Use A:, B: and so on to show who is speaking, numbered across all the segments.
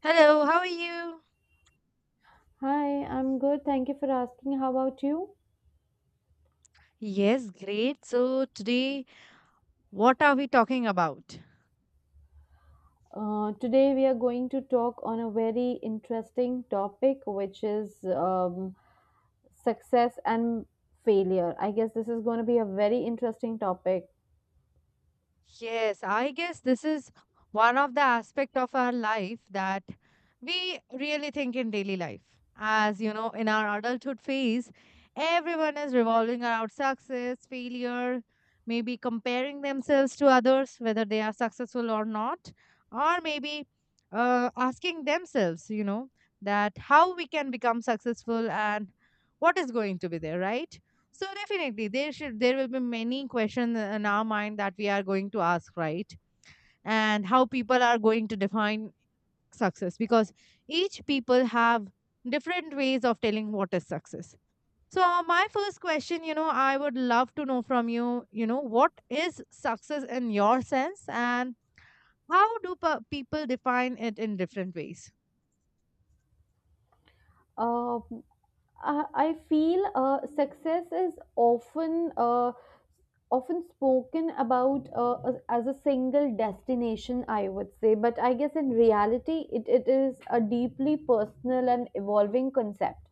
A: Hello, how are you?
B: Hi, I'm good. Thank you for asking. How about you?
A: Yes, great. So, today, what are we talking about?
B: Today we are going to talk on a very interesting topic, which is success and failure. I guess this is going to be a very interesting topic.
A: Yes, I guess this is one of the aspect of our life that we really think in daily life. As you know, in our adulthood phase, everyone is revolving around success, failure, maybe comparing themselves to others, whether they are successful or not, or maybe asking themselves, you know, that how we can become successful and what is going to be there, right? So definitely, there will be many questions in our mind that we are going to ask, right? And how people are going to define success because each people have different ways of telling what is success. So my first question, you know, I would love to know from you, you know, what is success in your sense, and how do people define it in different ways?
B: Uh, I feel success is often often spoken about as a single destination, I would say, but I guess in reality, it is a deeply personal and evolving concept.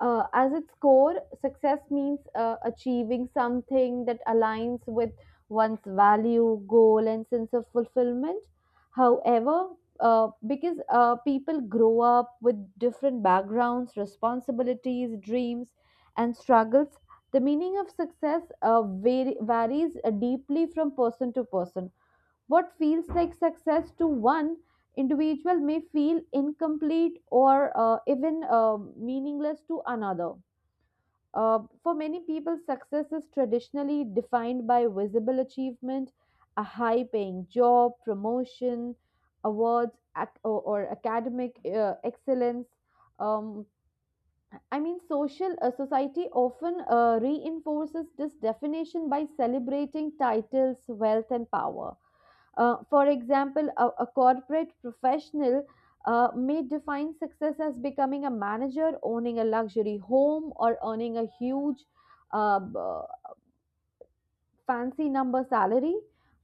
B: As its core, success means achieving something that aligns with one's value, goal, and sense of fulfillment. However, because people grow up with different backgrounds, responsibilities, dreams, and struggles, the meaning of success varies deeply from person to person. What feels like success to one individual may feel incomplete or even meaningless to another. For many people, success is traditionally defined by visible achievement, a high paying job, promotion, awards, or academic excellence. Um, I mean, social society often reinforces this definition by celebrating titles, wealth, and power. For example, a corporate professional may define success as becoming a manager, owning a luxury home, or earning a huge, uh, b- fancy number salary.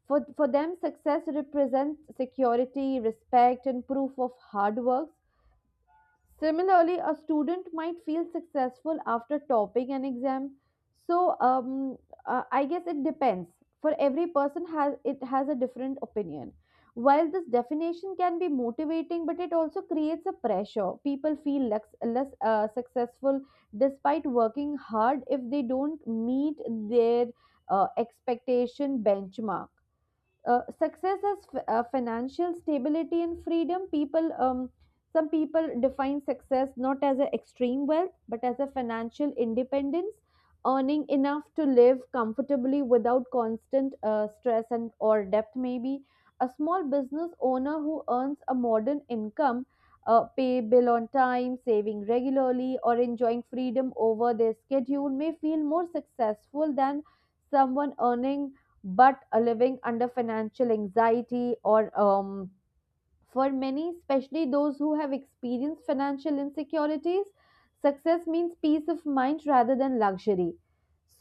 B: For them, success represents security, respect, and proof of hard work. Similarly, a student might feel successful after topping an exam. So I guess it depends. For every person has it has a different opinion. While this definition can be motivating, but it also creates a pressure. People feel less successful despite working hard if they don't meet their expectation benchmark. Success as financial stability and freedom, people some people define success not as an extreme wealth but as a financial independence, earning enough to live comfortably without constant stress and or debt. Maybe a small business owner who earns a modern income, pay bill on time, saving regularly, or enjoying freedom over their schedule may feel more successful than someone earning but living under financial anxiety, or for many, especially those who have experienced financial insecurities, success means peace of mind rather than luxury.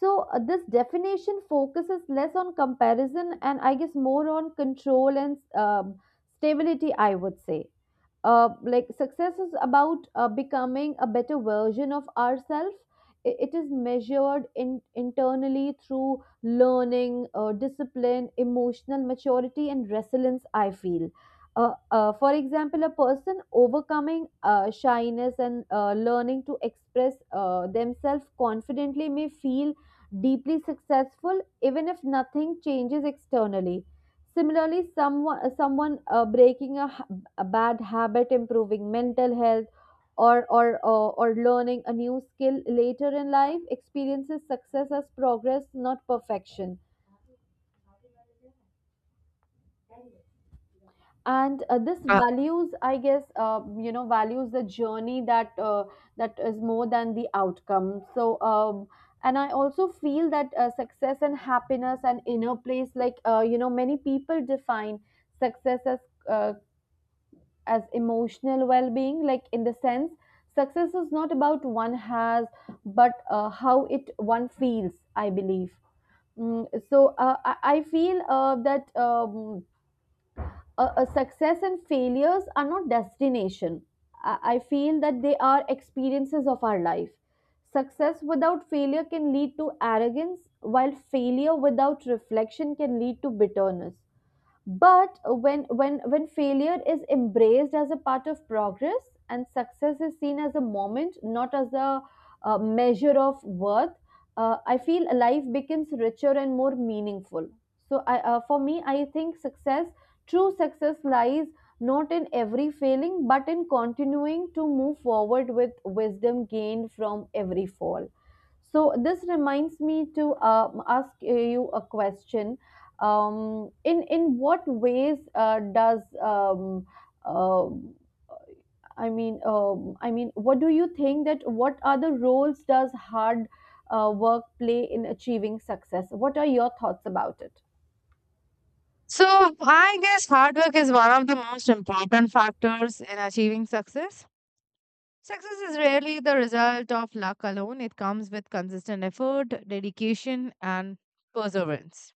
B: So, this definition focuses less on comparison and I guess more on control and stability, I would say. Like, success is about becoming a better version of ourselves. It is measured in, internally through learning, discipline, emotional maturity, and resilience, I feel. For example, a person overcoming shyness and learning to express themselves confidently may feel deeply successful even if nothing changes externally. Similarly, someone breaking a bad habit, improving mental health, or learning a new skill later in life experiences success as progress, not perfection. And this
A: Uh,
B: values, I guess, values the journey that that is more than the outcome. So and I also feel that success and happiness and inner place, like, many people define success uh, as emotional well-being, like in the sense, success is not about one has but how it one feels, I believe. Mm, so I feel that success and failures are not destination. I feel that they are experiences of our life. Success without failure can lead to arrogance, while failure without reflection can lead to bitterness, but when failure is embraced as a part of progress and success is seen as a moment, not as a measure of worth, I feel life becomes richer and more meaningful. So i uh, for me, I think success, true success, lies not in every failing but in continuing to move forward with wisdom gained from every fall. So this reminds me to ask you a question. In what ways does um I mean I mean, what do you think that what are the roles does hard work play in achieving success? What are your thoughts about it?
A: so I guess hard work is one of the most important factors in achieving success. Success is rarely the result of luck alone. It comes with consistent effort, dedication, and perseverance.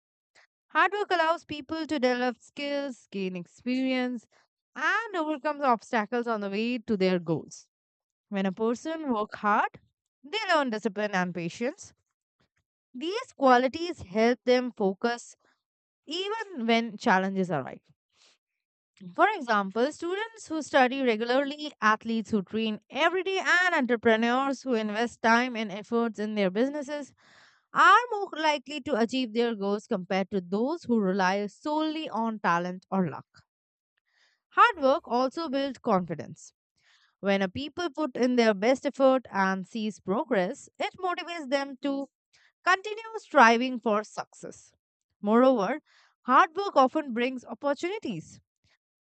A: Hard work allows people to develop skills, gain experience, and overcome obstacles on the way to their goals. When a person works hard, they learn discipline and patience. These qualities help them focus even when challenges arise. For example, students who study regularly, athletes who train every day, and entrepreneurs who invest time and efforts in their businesses are more likely to achieve their goals compared to those who rely solely on talent or luck. Hard work also builds confidence. When a people put in their best effort and sees progress, it motivates them to continue striving for success. Moreover, hard work often brings opportunities.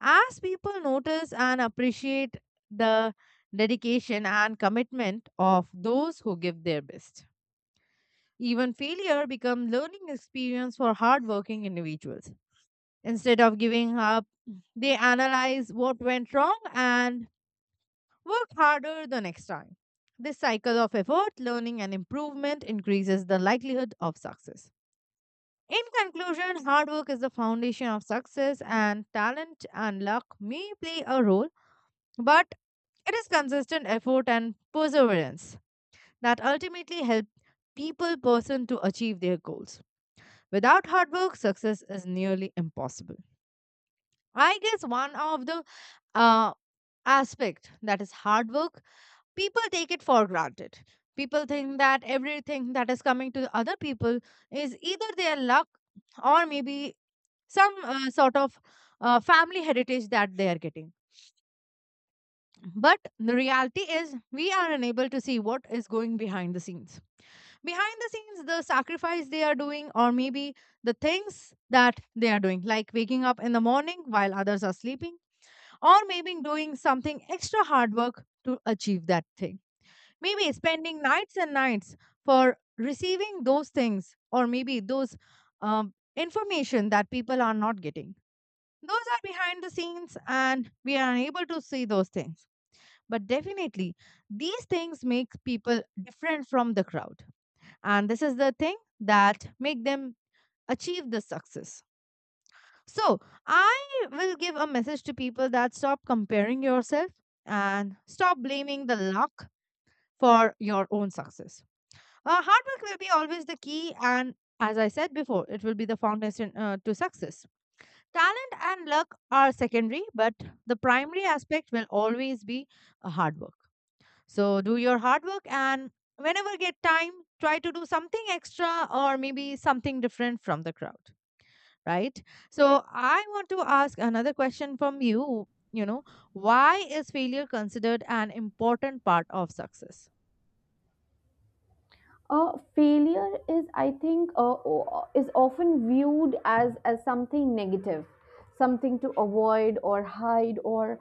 A: As people notice and appreciate the dedication and commitment of those who give their best, even failure becomes learning experience for hardworking individuals. Instead of giving up, they analyze what went wrong and work harder the next time. This cycle of effort, learning, and improvement increases the likelihood of success. In conclusion, hard work is the foundation of success, and talent and luck may play a role, but it is consistent effort and perseverance that ultimately help people person to achieve their goals. Without hard work, success is nearly impossible. I guess one of the uh, aspect that is hard work, people take it for granted. People think that everything that is coming to the other people is either their luck or maybe some sort of family heritage that they are getting. But the reality is, we are unable to see what is going behind the scenes. Behind the scenes, the sacrifice they are doing, or maybe the things that they are doing, like waking up in the morning while others are sleeping, or maybe doing something extra hard work to achieve that thing. Maybe spending nights and nights for receiving those things, or maybe those information that people are not getting. Those are behind the scenes, and we are unable to see those things, but definitely, these things make people different from the crowd. And this is the thing that make them achieve the success. So I will give a message to people that stop comparing yourself and stop blaming the luck for your own success. Hard work will be always the key, and as I said before, it will be the foundation to success. Talent and luck are secondary, but the primary aspect will always be hard work. So do your hard work and whenever get time, try to do something extra or maybe something different from the crowd, right? So I want to ask another question from you, you know, why is failure considered an important part of success?
B: Failure is, I think, is often viewed as something negative, something to avoid or hide,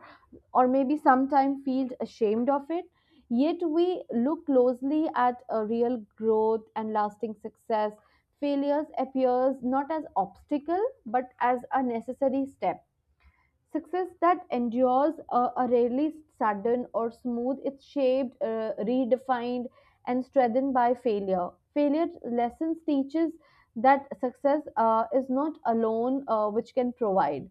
B: or maybe sometimes feels ashamed of it. Yet we look closely at a real growth and lasting success. Failures appears not as obstacle but as a necessary step. Success that endures are rarely sudden or smooth. It's shaped, redefined, and strengthened by failure. Failure lessons teaches that success is not alone, which can provide.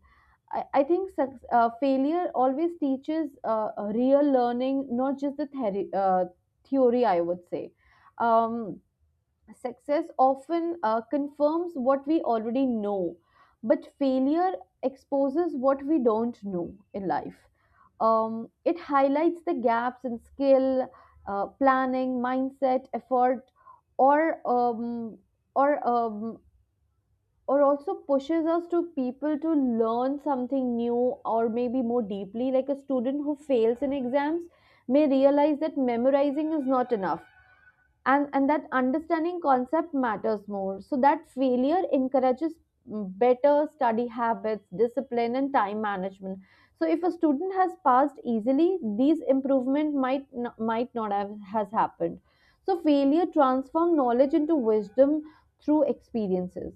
B: I think failure always teaches real learning, not just the theory, theory I would say. Um, Success often confirms what we already know, but failure exposes what we don't know in life. It highlights the gaps in skill, planning, mindset, effort, or um, or um, or also pushes us to people to learn something new or maybe more deeply. Like a student who fails in exams may realize that memorizing is not enough and that understanding concept matters more, so that failure encourages, mm, better study habits, discipline, and time management. So if a student has passed easily, these improvement might not have has happened. So failure transform knowledge into wisdom through experiences.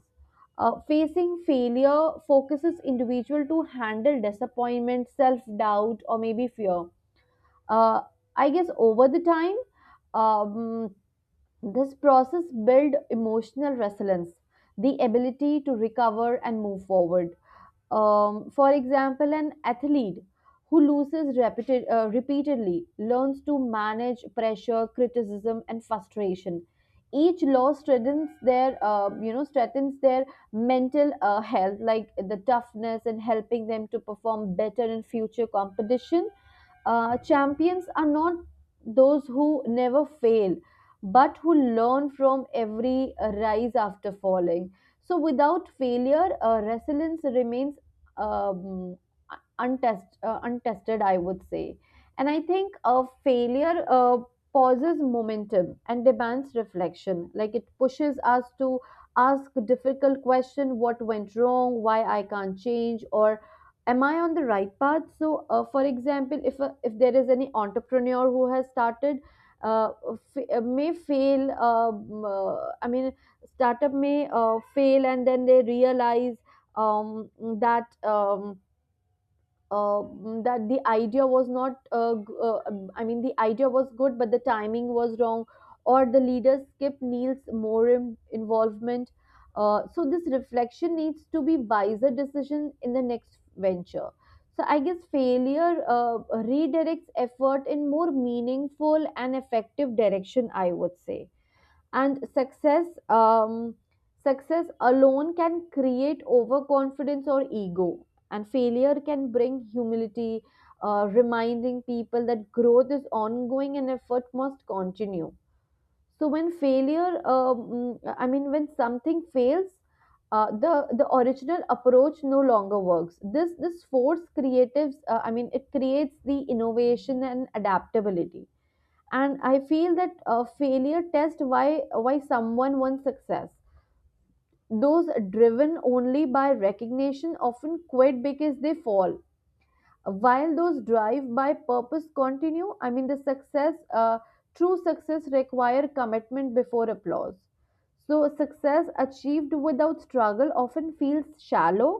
B: Facing failure focuses individual to handle disappointment, self doubt, or maybe fear. uh, I guess over the time, um, this process builds emotional resilience, the ability to recover and move forward. For example, an athlete who loses repeatedly learns to manage pressure, criticism, and frustration. Each loss strengthens their, strengthens their mental health, like the toughness, and helping them to perform better in future competition. Champions are not those who never fail but who learn from every rise after falling. So without failure, resilience remains, um, untested, I would say. And I think a failure pauses momentum and demands reflection. Like, it pushes us to ask difficult question: what went wrong, why I can't change, or am I on the right path? So, for example, if a, if there is any entrepreneur who has started. Uh, may fail. I mean, startup may fail, and then they realize um, that um, uh, that the idea was not I mean, the idea was good but the timing was wrong, or the leaders skipped Neil's more involvement. So this reflection needs to be wiser decision in the next venture. So I guess failure redirects effort in more meaningful and effective direction, I would say. And success, success alone can create overconfidence or ego, and failure can bring humility, reminding people that growth is ongoing and effort must continue. So when failure, I mean, when something fails, the original approach no longer works. This force creatives, I mean, it creates the innovation and adaptability. And I feel that failure test why someone wants success. Those driven only by recognition often quit because they fall, while those drive by purpose continue. I mean, the success, uh, true success require commitment before applause. So success achieved without struggle often feels shallow.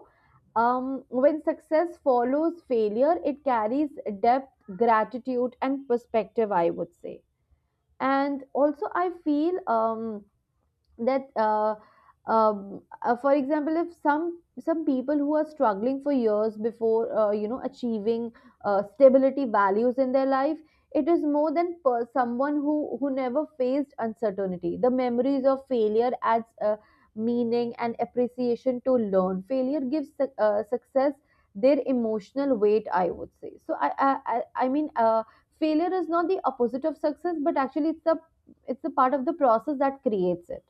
B: When success follows failure, it carries depth, gratitude, and perspective, I would say. And also I feel that for example, if some some people who are struggling for years before achieving stability values in their life, it is more than per someone who never faced uncertainty. The memories of failure adds meaning and appreciation to learn. Failure gives success their emotional weight, I would say. So I mean, failure is not the opposite of success, but actually it's the part of the process that creates it.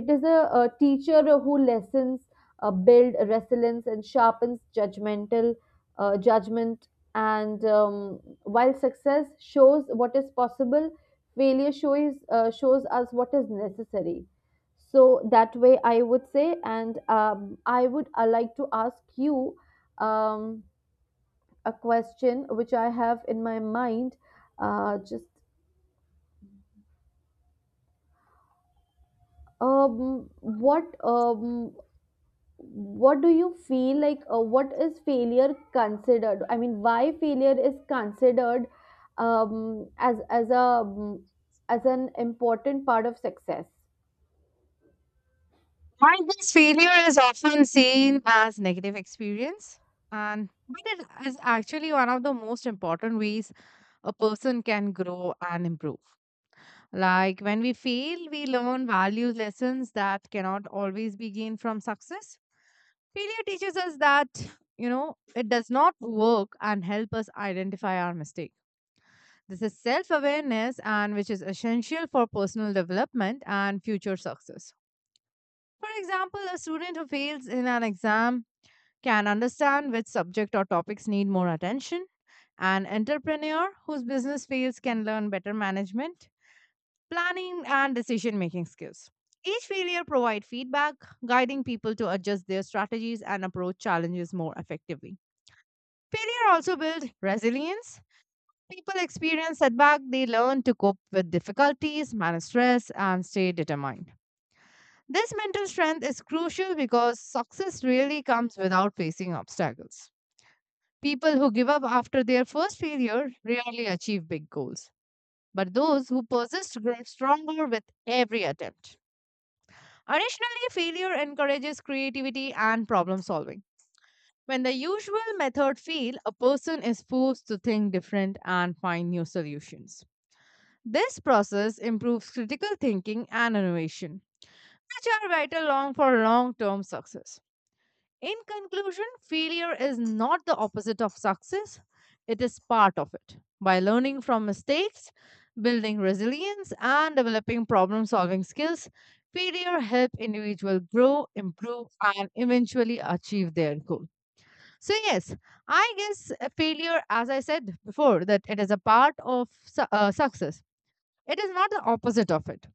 B: It is a teacher who lessons build resilience and sharpens judgment. And while success shows what is possible, failure shows us what is necessary. So that way, I would say, and I would like to ask you um, a question which I have in my mind. Just what What do you feel like, what is failure considered, I mean, why failure is considered as as a, as an important part of success?
A: While this failure is often seen as negative experience, and but it is actually one of the most important ways a person can grow and improve. Like when we fail, we learn value lessons that cannot always be gained from success. Failure teaches us that you know it does not work and help us identify our mistake. This is self-awareness and which is essential for personal development and future success. For example, a student who fails in an exam can understand which subject or topics need more attention. An entrepreneur whose business fails can learn better management, planning, and decision making skills. Each failure provides feedback, guiding people to adjust their strategies and approach challenges more effectively. Failure also builds resilience. People experience setback, they learn to cope with difficulties, manage stress, and stay determined. This mental strength is crucial because success really comes without facing obstacles. People who give up after their first failure rarely achieve big goals, but those who persist grow stronger with every attempt. Additionally, failure encourages creativity and problem solving. When the usual method fail, a person is forced to think different and find new solutions. This process improves critical thinking and innovation, which are vital long for long-term success. In conclusion, failure is not the opposite of success, it is part of it. By learning from mistakes, building resilience, and developing problem solving skills, failure help individuals grow, improve, and eventually achieve their goal. So, yes, I guess failure, as I said before, that it is a part of success, it is not the opposite of it.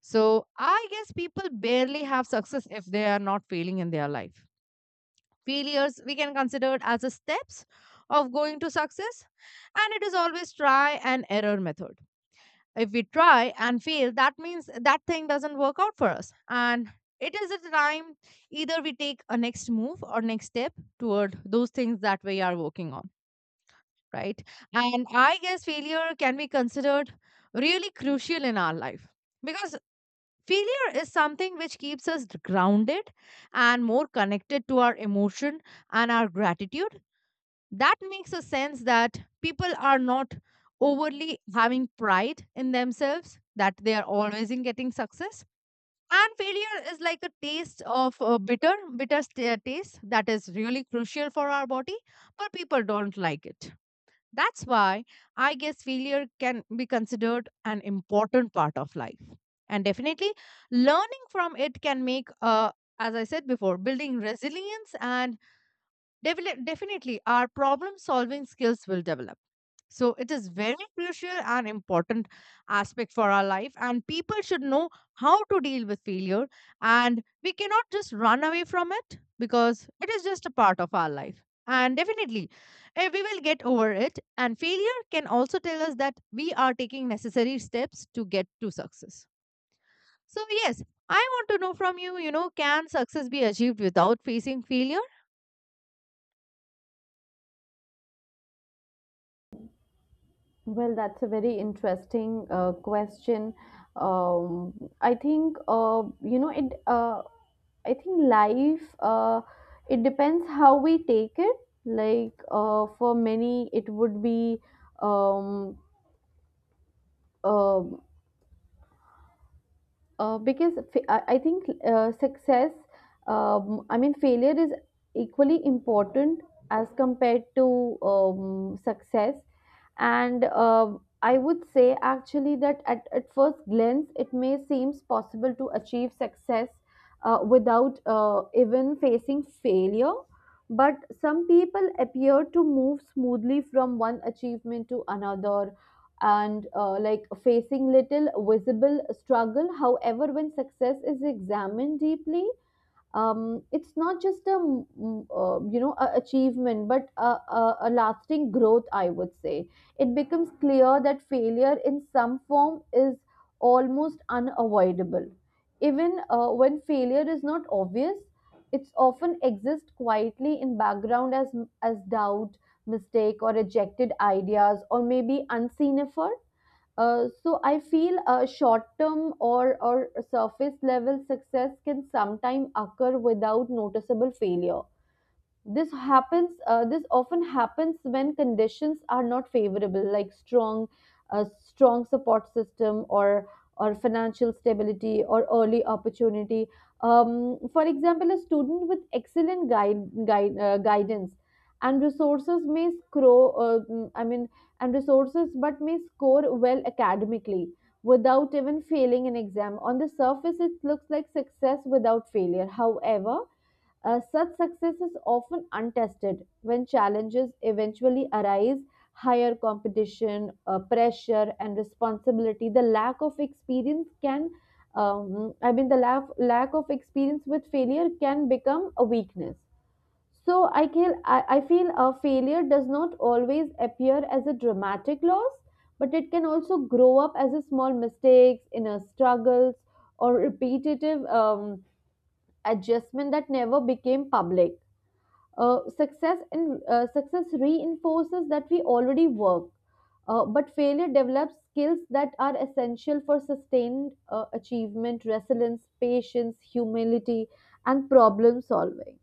A: So, I guess people barely have success if they are not failing in their life. Failures we can consider as a steps of going to success, and it is always try and error method. If we try and fail, that means that thing doesn't work out for us, and it is a time either we take a next move or next step toward those things that we are working on, right? And I guess failure can be considered really crucial in our life because failure is something which keeps us grounded and more connected to our emotion and our gratitude. That makes a sense that people are not overly having pride in themselves that they are always in getting success. And failure is like a taste of bitter taste that is really crucial for our body, but people don't like it. That's why I guess failure can be considered an important part of life, and definitely learning from it can make, as I said before, building resilience, and definitely our problem solving skills will develop. So it is very crucial and important aspect for our life, and people should know how to deal with failure, and we cannot just run away from it because it is just a part of our life. And definitely, we will get over it, and failure can also tell us that we are taking necessary steps to get to success. So, yes, I want to know from you, you know, can success be achieved without facing failure?
B: Well, that's a very interesting question. um, i think uh, you know it uh, I think life, it depends how we take it. Like for many, it would be um, um because fa- I think success, failure is equally important as compared to success and I would say actually that at first glance it may seems possible to achieve success without even facing failure, but some people appear to move smoothly from one achievement to another and like facing little visible struggle. However, when success is examined deeply, it's not just a a achievement but a lasting growth, I would say. It becomes clear that failure in some form is almost unavoidable. Even when failure is not obvious, it's often exists quietly in background as doubt, mistake or rejected ideas or maybe unseen effort. So I feel short-term or surface-level success can sometimes occur without noticeable failure. This happens this often happens when conditions are not favorable, like strong a strong support system or financial stability or early opportunity. For example, a student with excellent guide, guide guidance and resources may score. Mm, I mean and resources but may score well academically without even failing an exam. On the surface it looks like success without failure. However, such success is often untested when challenges eventually arise: higher competition, pressure, and responsibility. The lack of experience can, lack of experience with failure can become a weakness. So I feel, I feel a failure does not always appear as a dramatic loss, but it can also grow up as a small mistakes, inner struggles, or repetitive adjustment that never became public. Success reinforces that we already work, but failure develops skills that are essential for sustained achievement, resilience, patience, humility, and problem solving.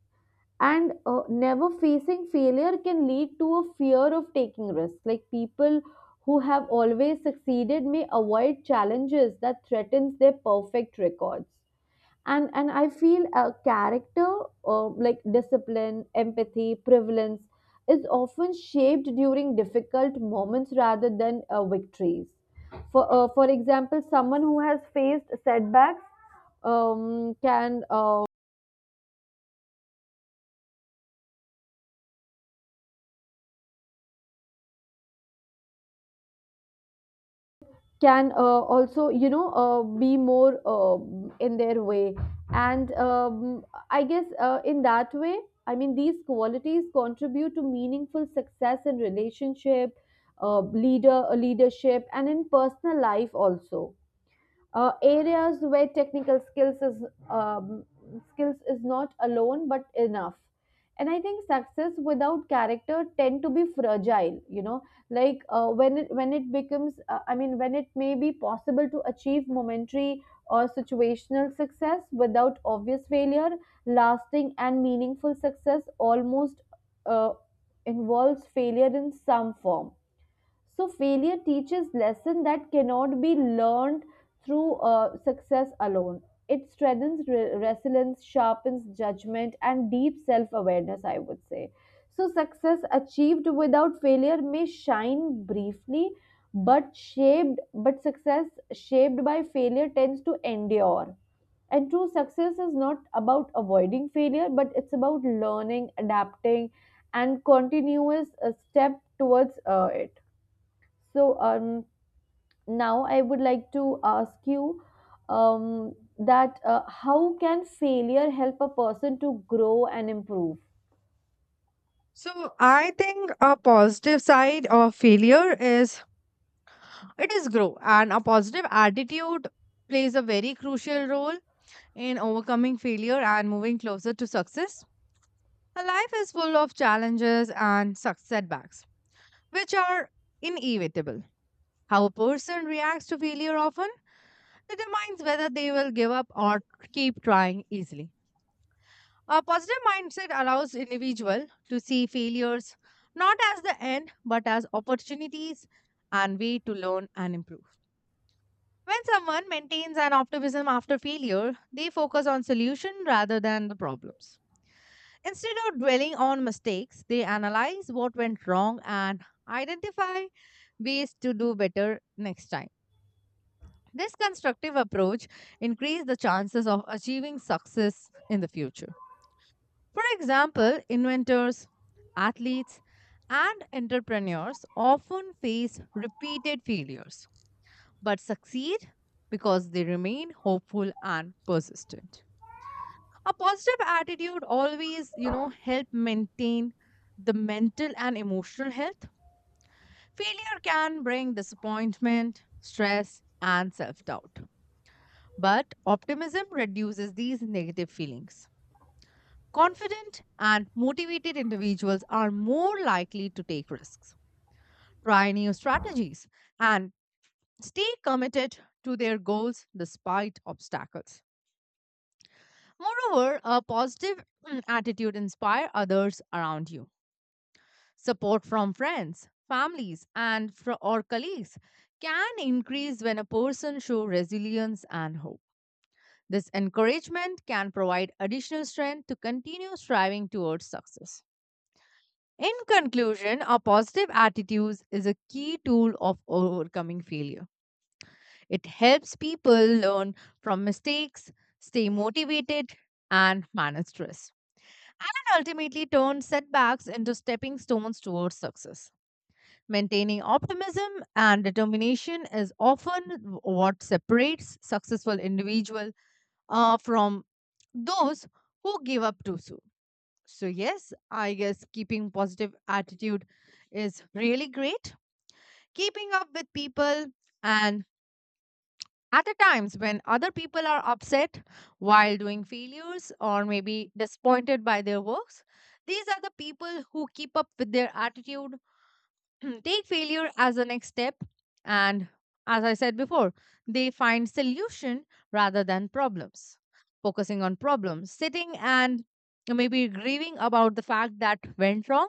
B: And Never facing failure can lead to a fear of taking risks. Like, people who have always succeeded may avoid challenges that threatens their perfect records. And I feel a character, like discipline, empathy, prevalence, is often shaped during difficult moments rather than victories. For example, someone who has faced setbacks can also, be more in their way, and I guess, in that way, I mean, these qualities contribute to meaningful success in relationship, leadership and in personal life also, areas where technical skills is um, not alone but enough. And I think success without character tend to be fragile, you know. Like, when it becomes when it may be possible to achieve momentary or situational success without obvious failure, lasting and meaningful success almost uh, involves failure in some form. So failure teaches lesson that cannot be learned through success alone. It strengthens resilience, sharpens judgment, and deep self-awareness, I would say. So success achieved without failure may shine briefly, but success shaped by failure tends to endure. And true success is not about avoiding failure, but it's about learning, adapting, and continuous step towards it. So, now I would like to ask you that how can failure help a person to grow and improve?
A: So I think a positive side of failure is it is grow, and a positive attitude plays a very crucial role in overcoming failure and moving closer to success. A life is full of challenges and setbacks, which are inevitable. How a person reacts to failure often determines whether they will give up or keep trying easily. A positive mindset allows individual to see failures not as the end but as opportunities and way to learn and improve. When someone maintains an optimism after failure, they focus on solution rather than the problems. Instead of dwelling on mistakes, they analyze what went wrong and identify ways to do better next time. This constructive approach increases the chances of achieving success in the future. For example, inventors, athletes, and entrepreneurs often face repeated failures but succeed because they remain hopeful and persistent. A positive attitude always, you know, help maintain the mental and emotional health. Failure can bring disappointment, stress, and self-doubt, but optimism reduces these negative feelings. Confident and motivated individuals are more likely to take risks, try new strategies, and stay committed to their goals despite obstacles. Moreover, a positive attitude inspire others around you. Support from friends, families, and or colleagues can increase when a person shows resilience and hope. This encouragement can provide additional strength to continue striving towards success. In conclusion, a positive attitude is a key tool of overcoming failure. It helps people learn from mistakes, stay motivated, and manage stress, and ultimately turn setbacks into stepping stones towards success. Maintaining optimism and determination is often what separates successful individual from those who give up too soon. So yes, I guess keeping positive attitude is really great. Keeping up with people and at the times when other people are upset while doing failures or maybe disappointed by their works, these are the people who keep up with their attitude take failure as the next step, and as I said before, they find solution rather than problems. Focusing on problems, sitting and maybe grieving about the fact that went wrong,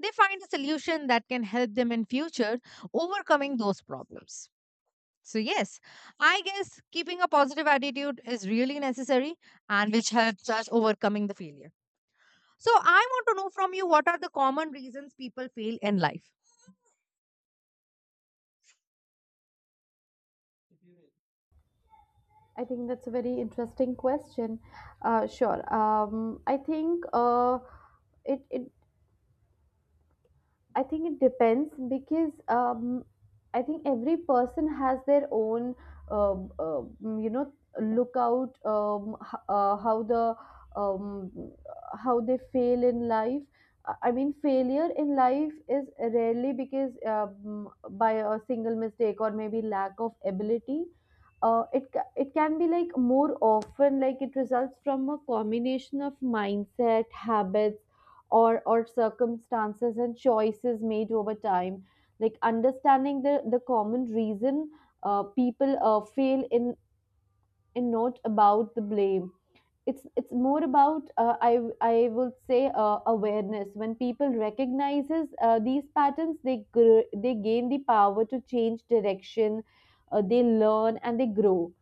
A: they find a solution that can help them in future overcoming those problems. So yes, I guess keeping a positive attitude is really necessary, and which helps us overcoming the failure. So I want to know from you, what are the common reasons people fail in life?
B: I think that's a very interesting question. Sure. I think, it, it I think it depends because I think every person has their own, um, um, you know, lookout, how the um, how they fail in life. I mean, failure in life is rarely because by a single mistake or maybe lack of ability. It can be, like, more often, like, it results from a combination of mindset, habits or circumstances and choices made over time. Like, understanding the common reason people fail in not about the blame. It's more about, I would say, awareness. When people recognizes these patterns, they they gain the power to change direction, they learn and they grow.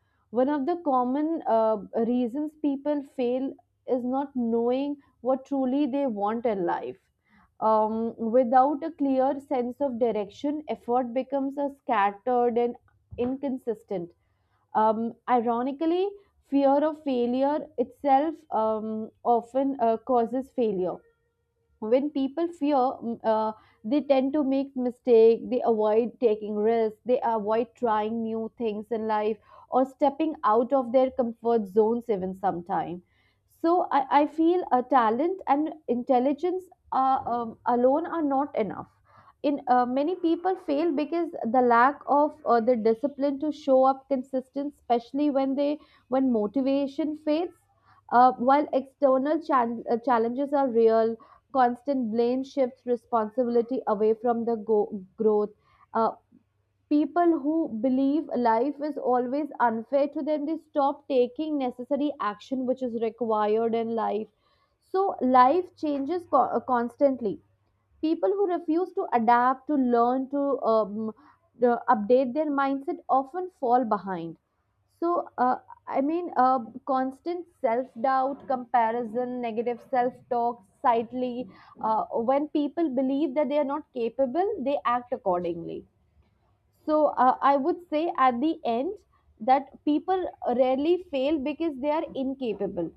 B: One of the common uh, reasons people fail is not knowing what truly they want in life. Without a clear sense of direction effort becomes a scattered and inconsistent. Ironically, fear of failure itself, often causes failure. When people fear mm, uh, they tend to make mistake, they avoid taking risks, they avoid trying new things in life or stepping out of their comfort zones, even sometime. So, I feel a talent and intelligence are, alone, are not enough. In many people fail because the lack of the discipline to show up consistent, especially when they when motivation fades. While external challenges are real, constant blame shifts responsibility away from the growth. Uh, People who believe life is always unfair to them, they stop taking necessary action which is required in life. So life changes constantly. People who refuse to adapt, to learn to um, update their mindset often fall behind. So uh, i mean uh, constant self-doubt, comparison, negative self-talk slightly, uh, when people believe that they are not capable, they act accordingly. So, I would say at the end that people rarely fail because they are incapable.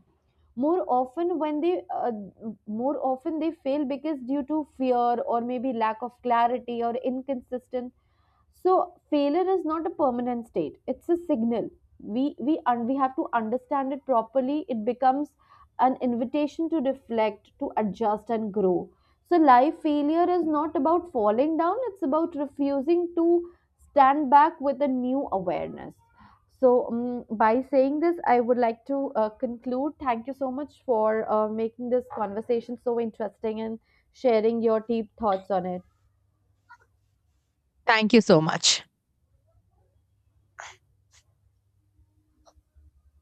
B: More often when they uh, more often they fail because due to fear or maybe lack of clarity or inconsistent. So failure is not a permanent state. It's a signal. We have to understand it properly. It becomes an invitation to reflect, to adjust and grow. So life failure is not about falling down, it's about refusing to stand back with a new awareness. So, by saying this, I would like to conclude. Thank you so much for making this conversation so interesting and sharing your deep thoughts on it.
A: Thank you so much.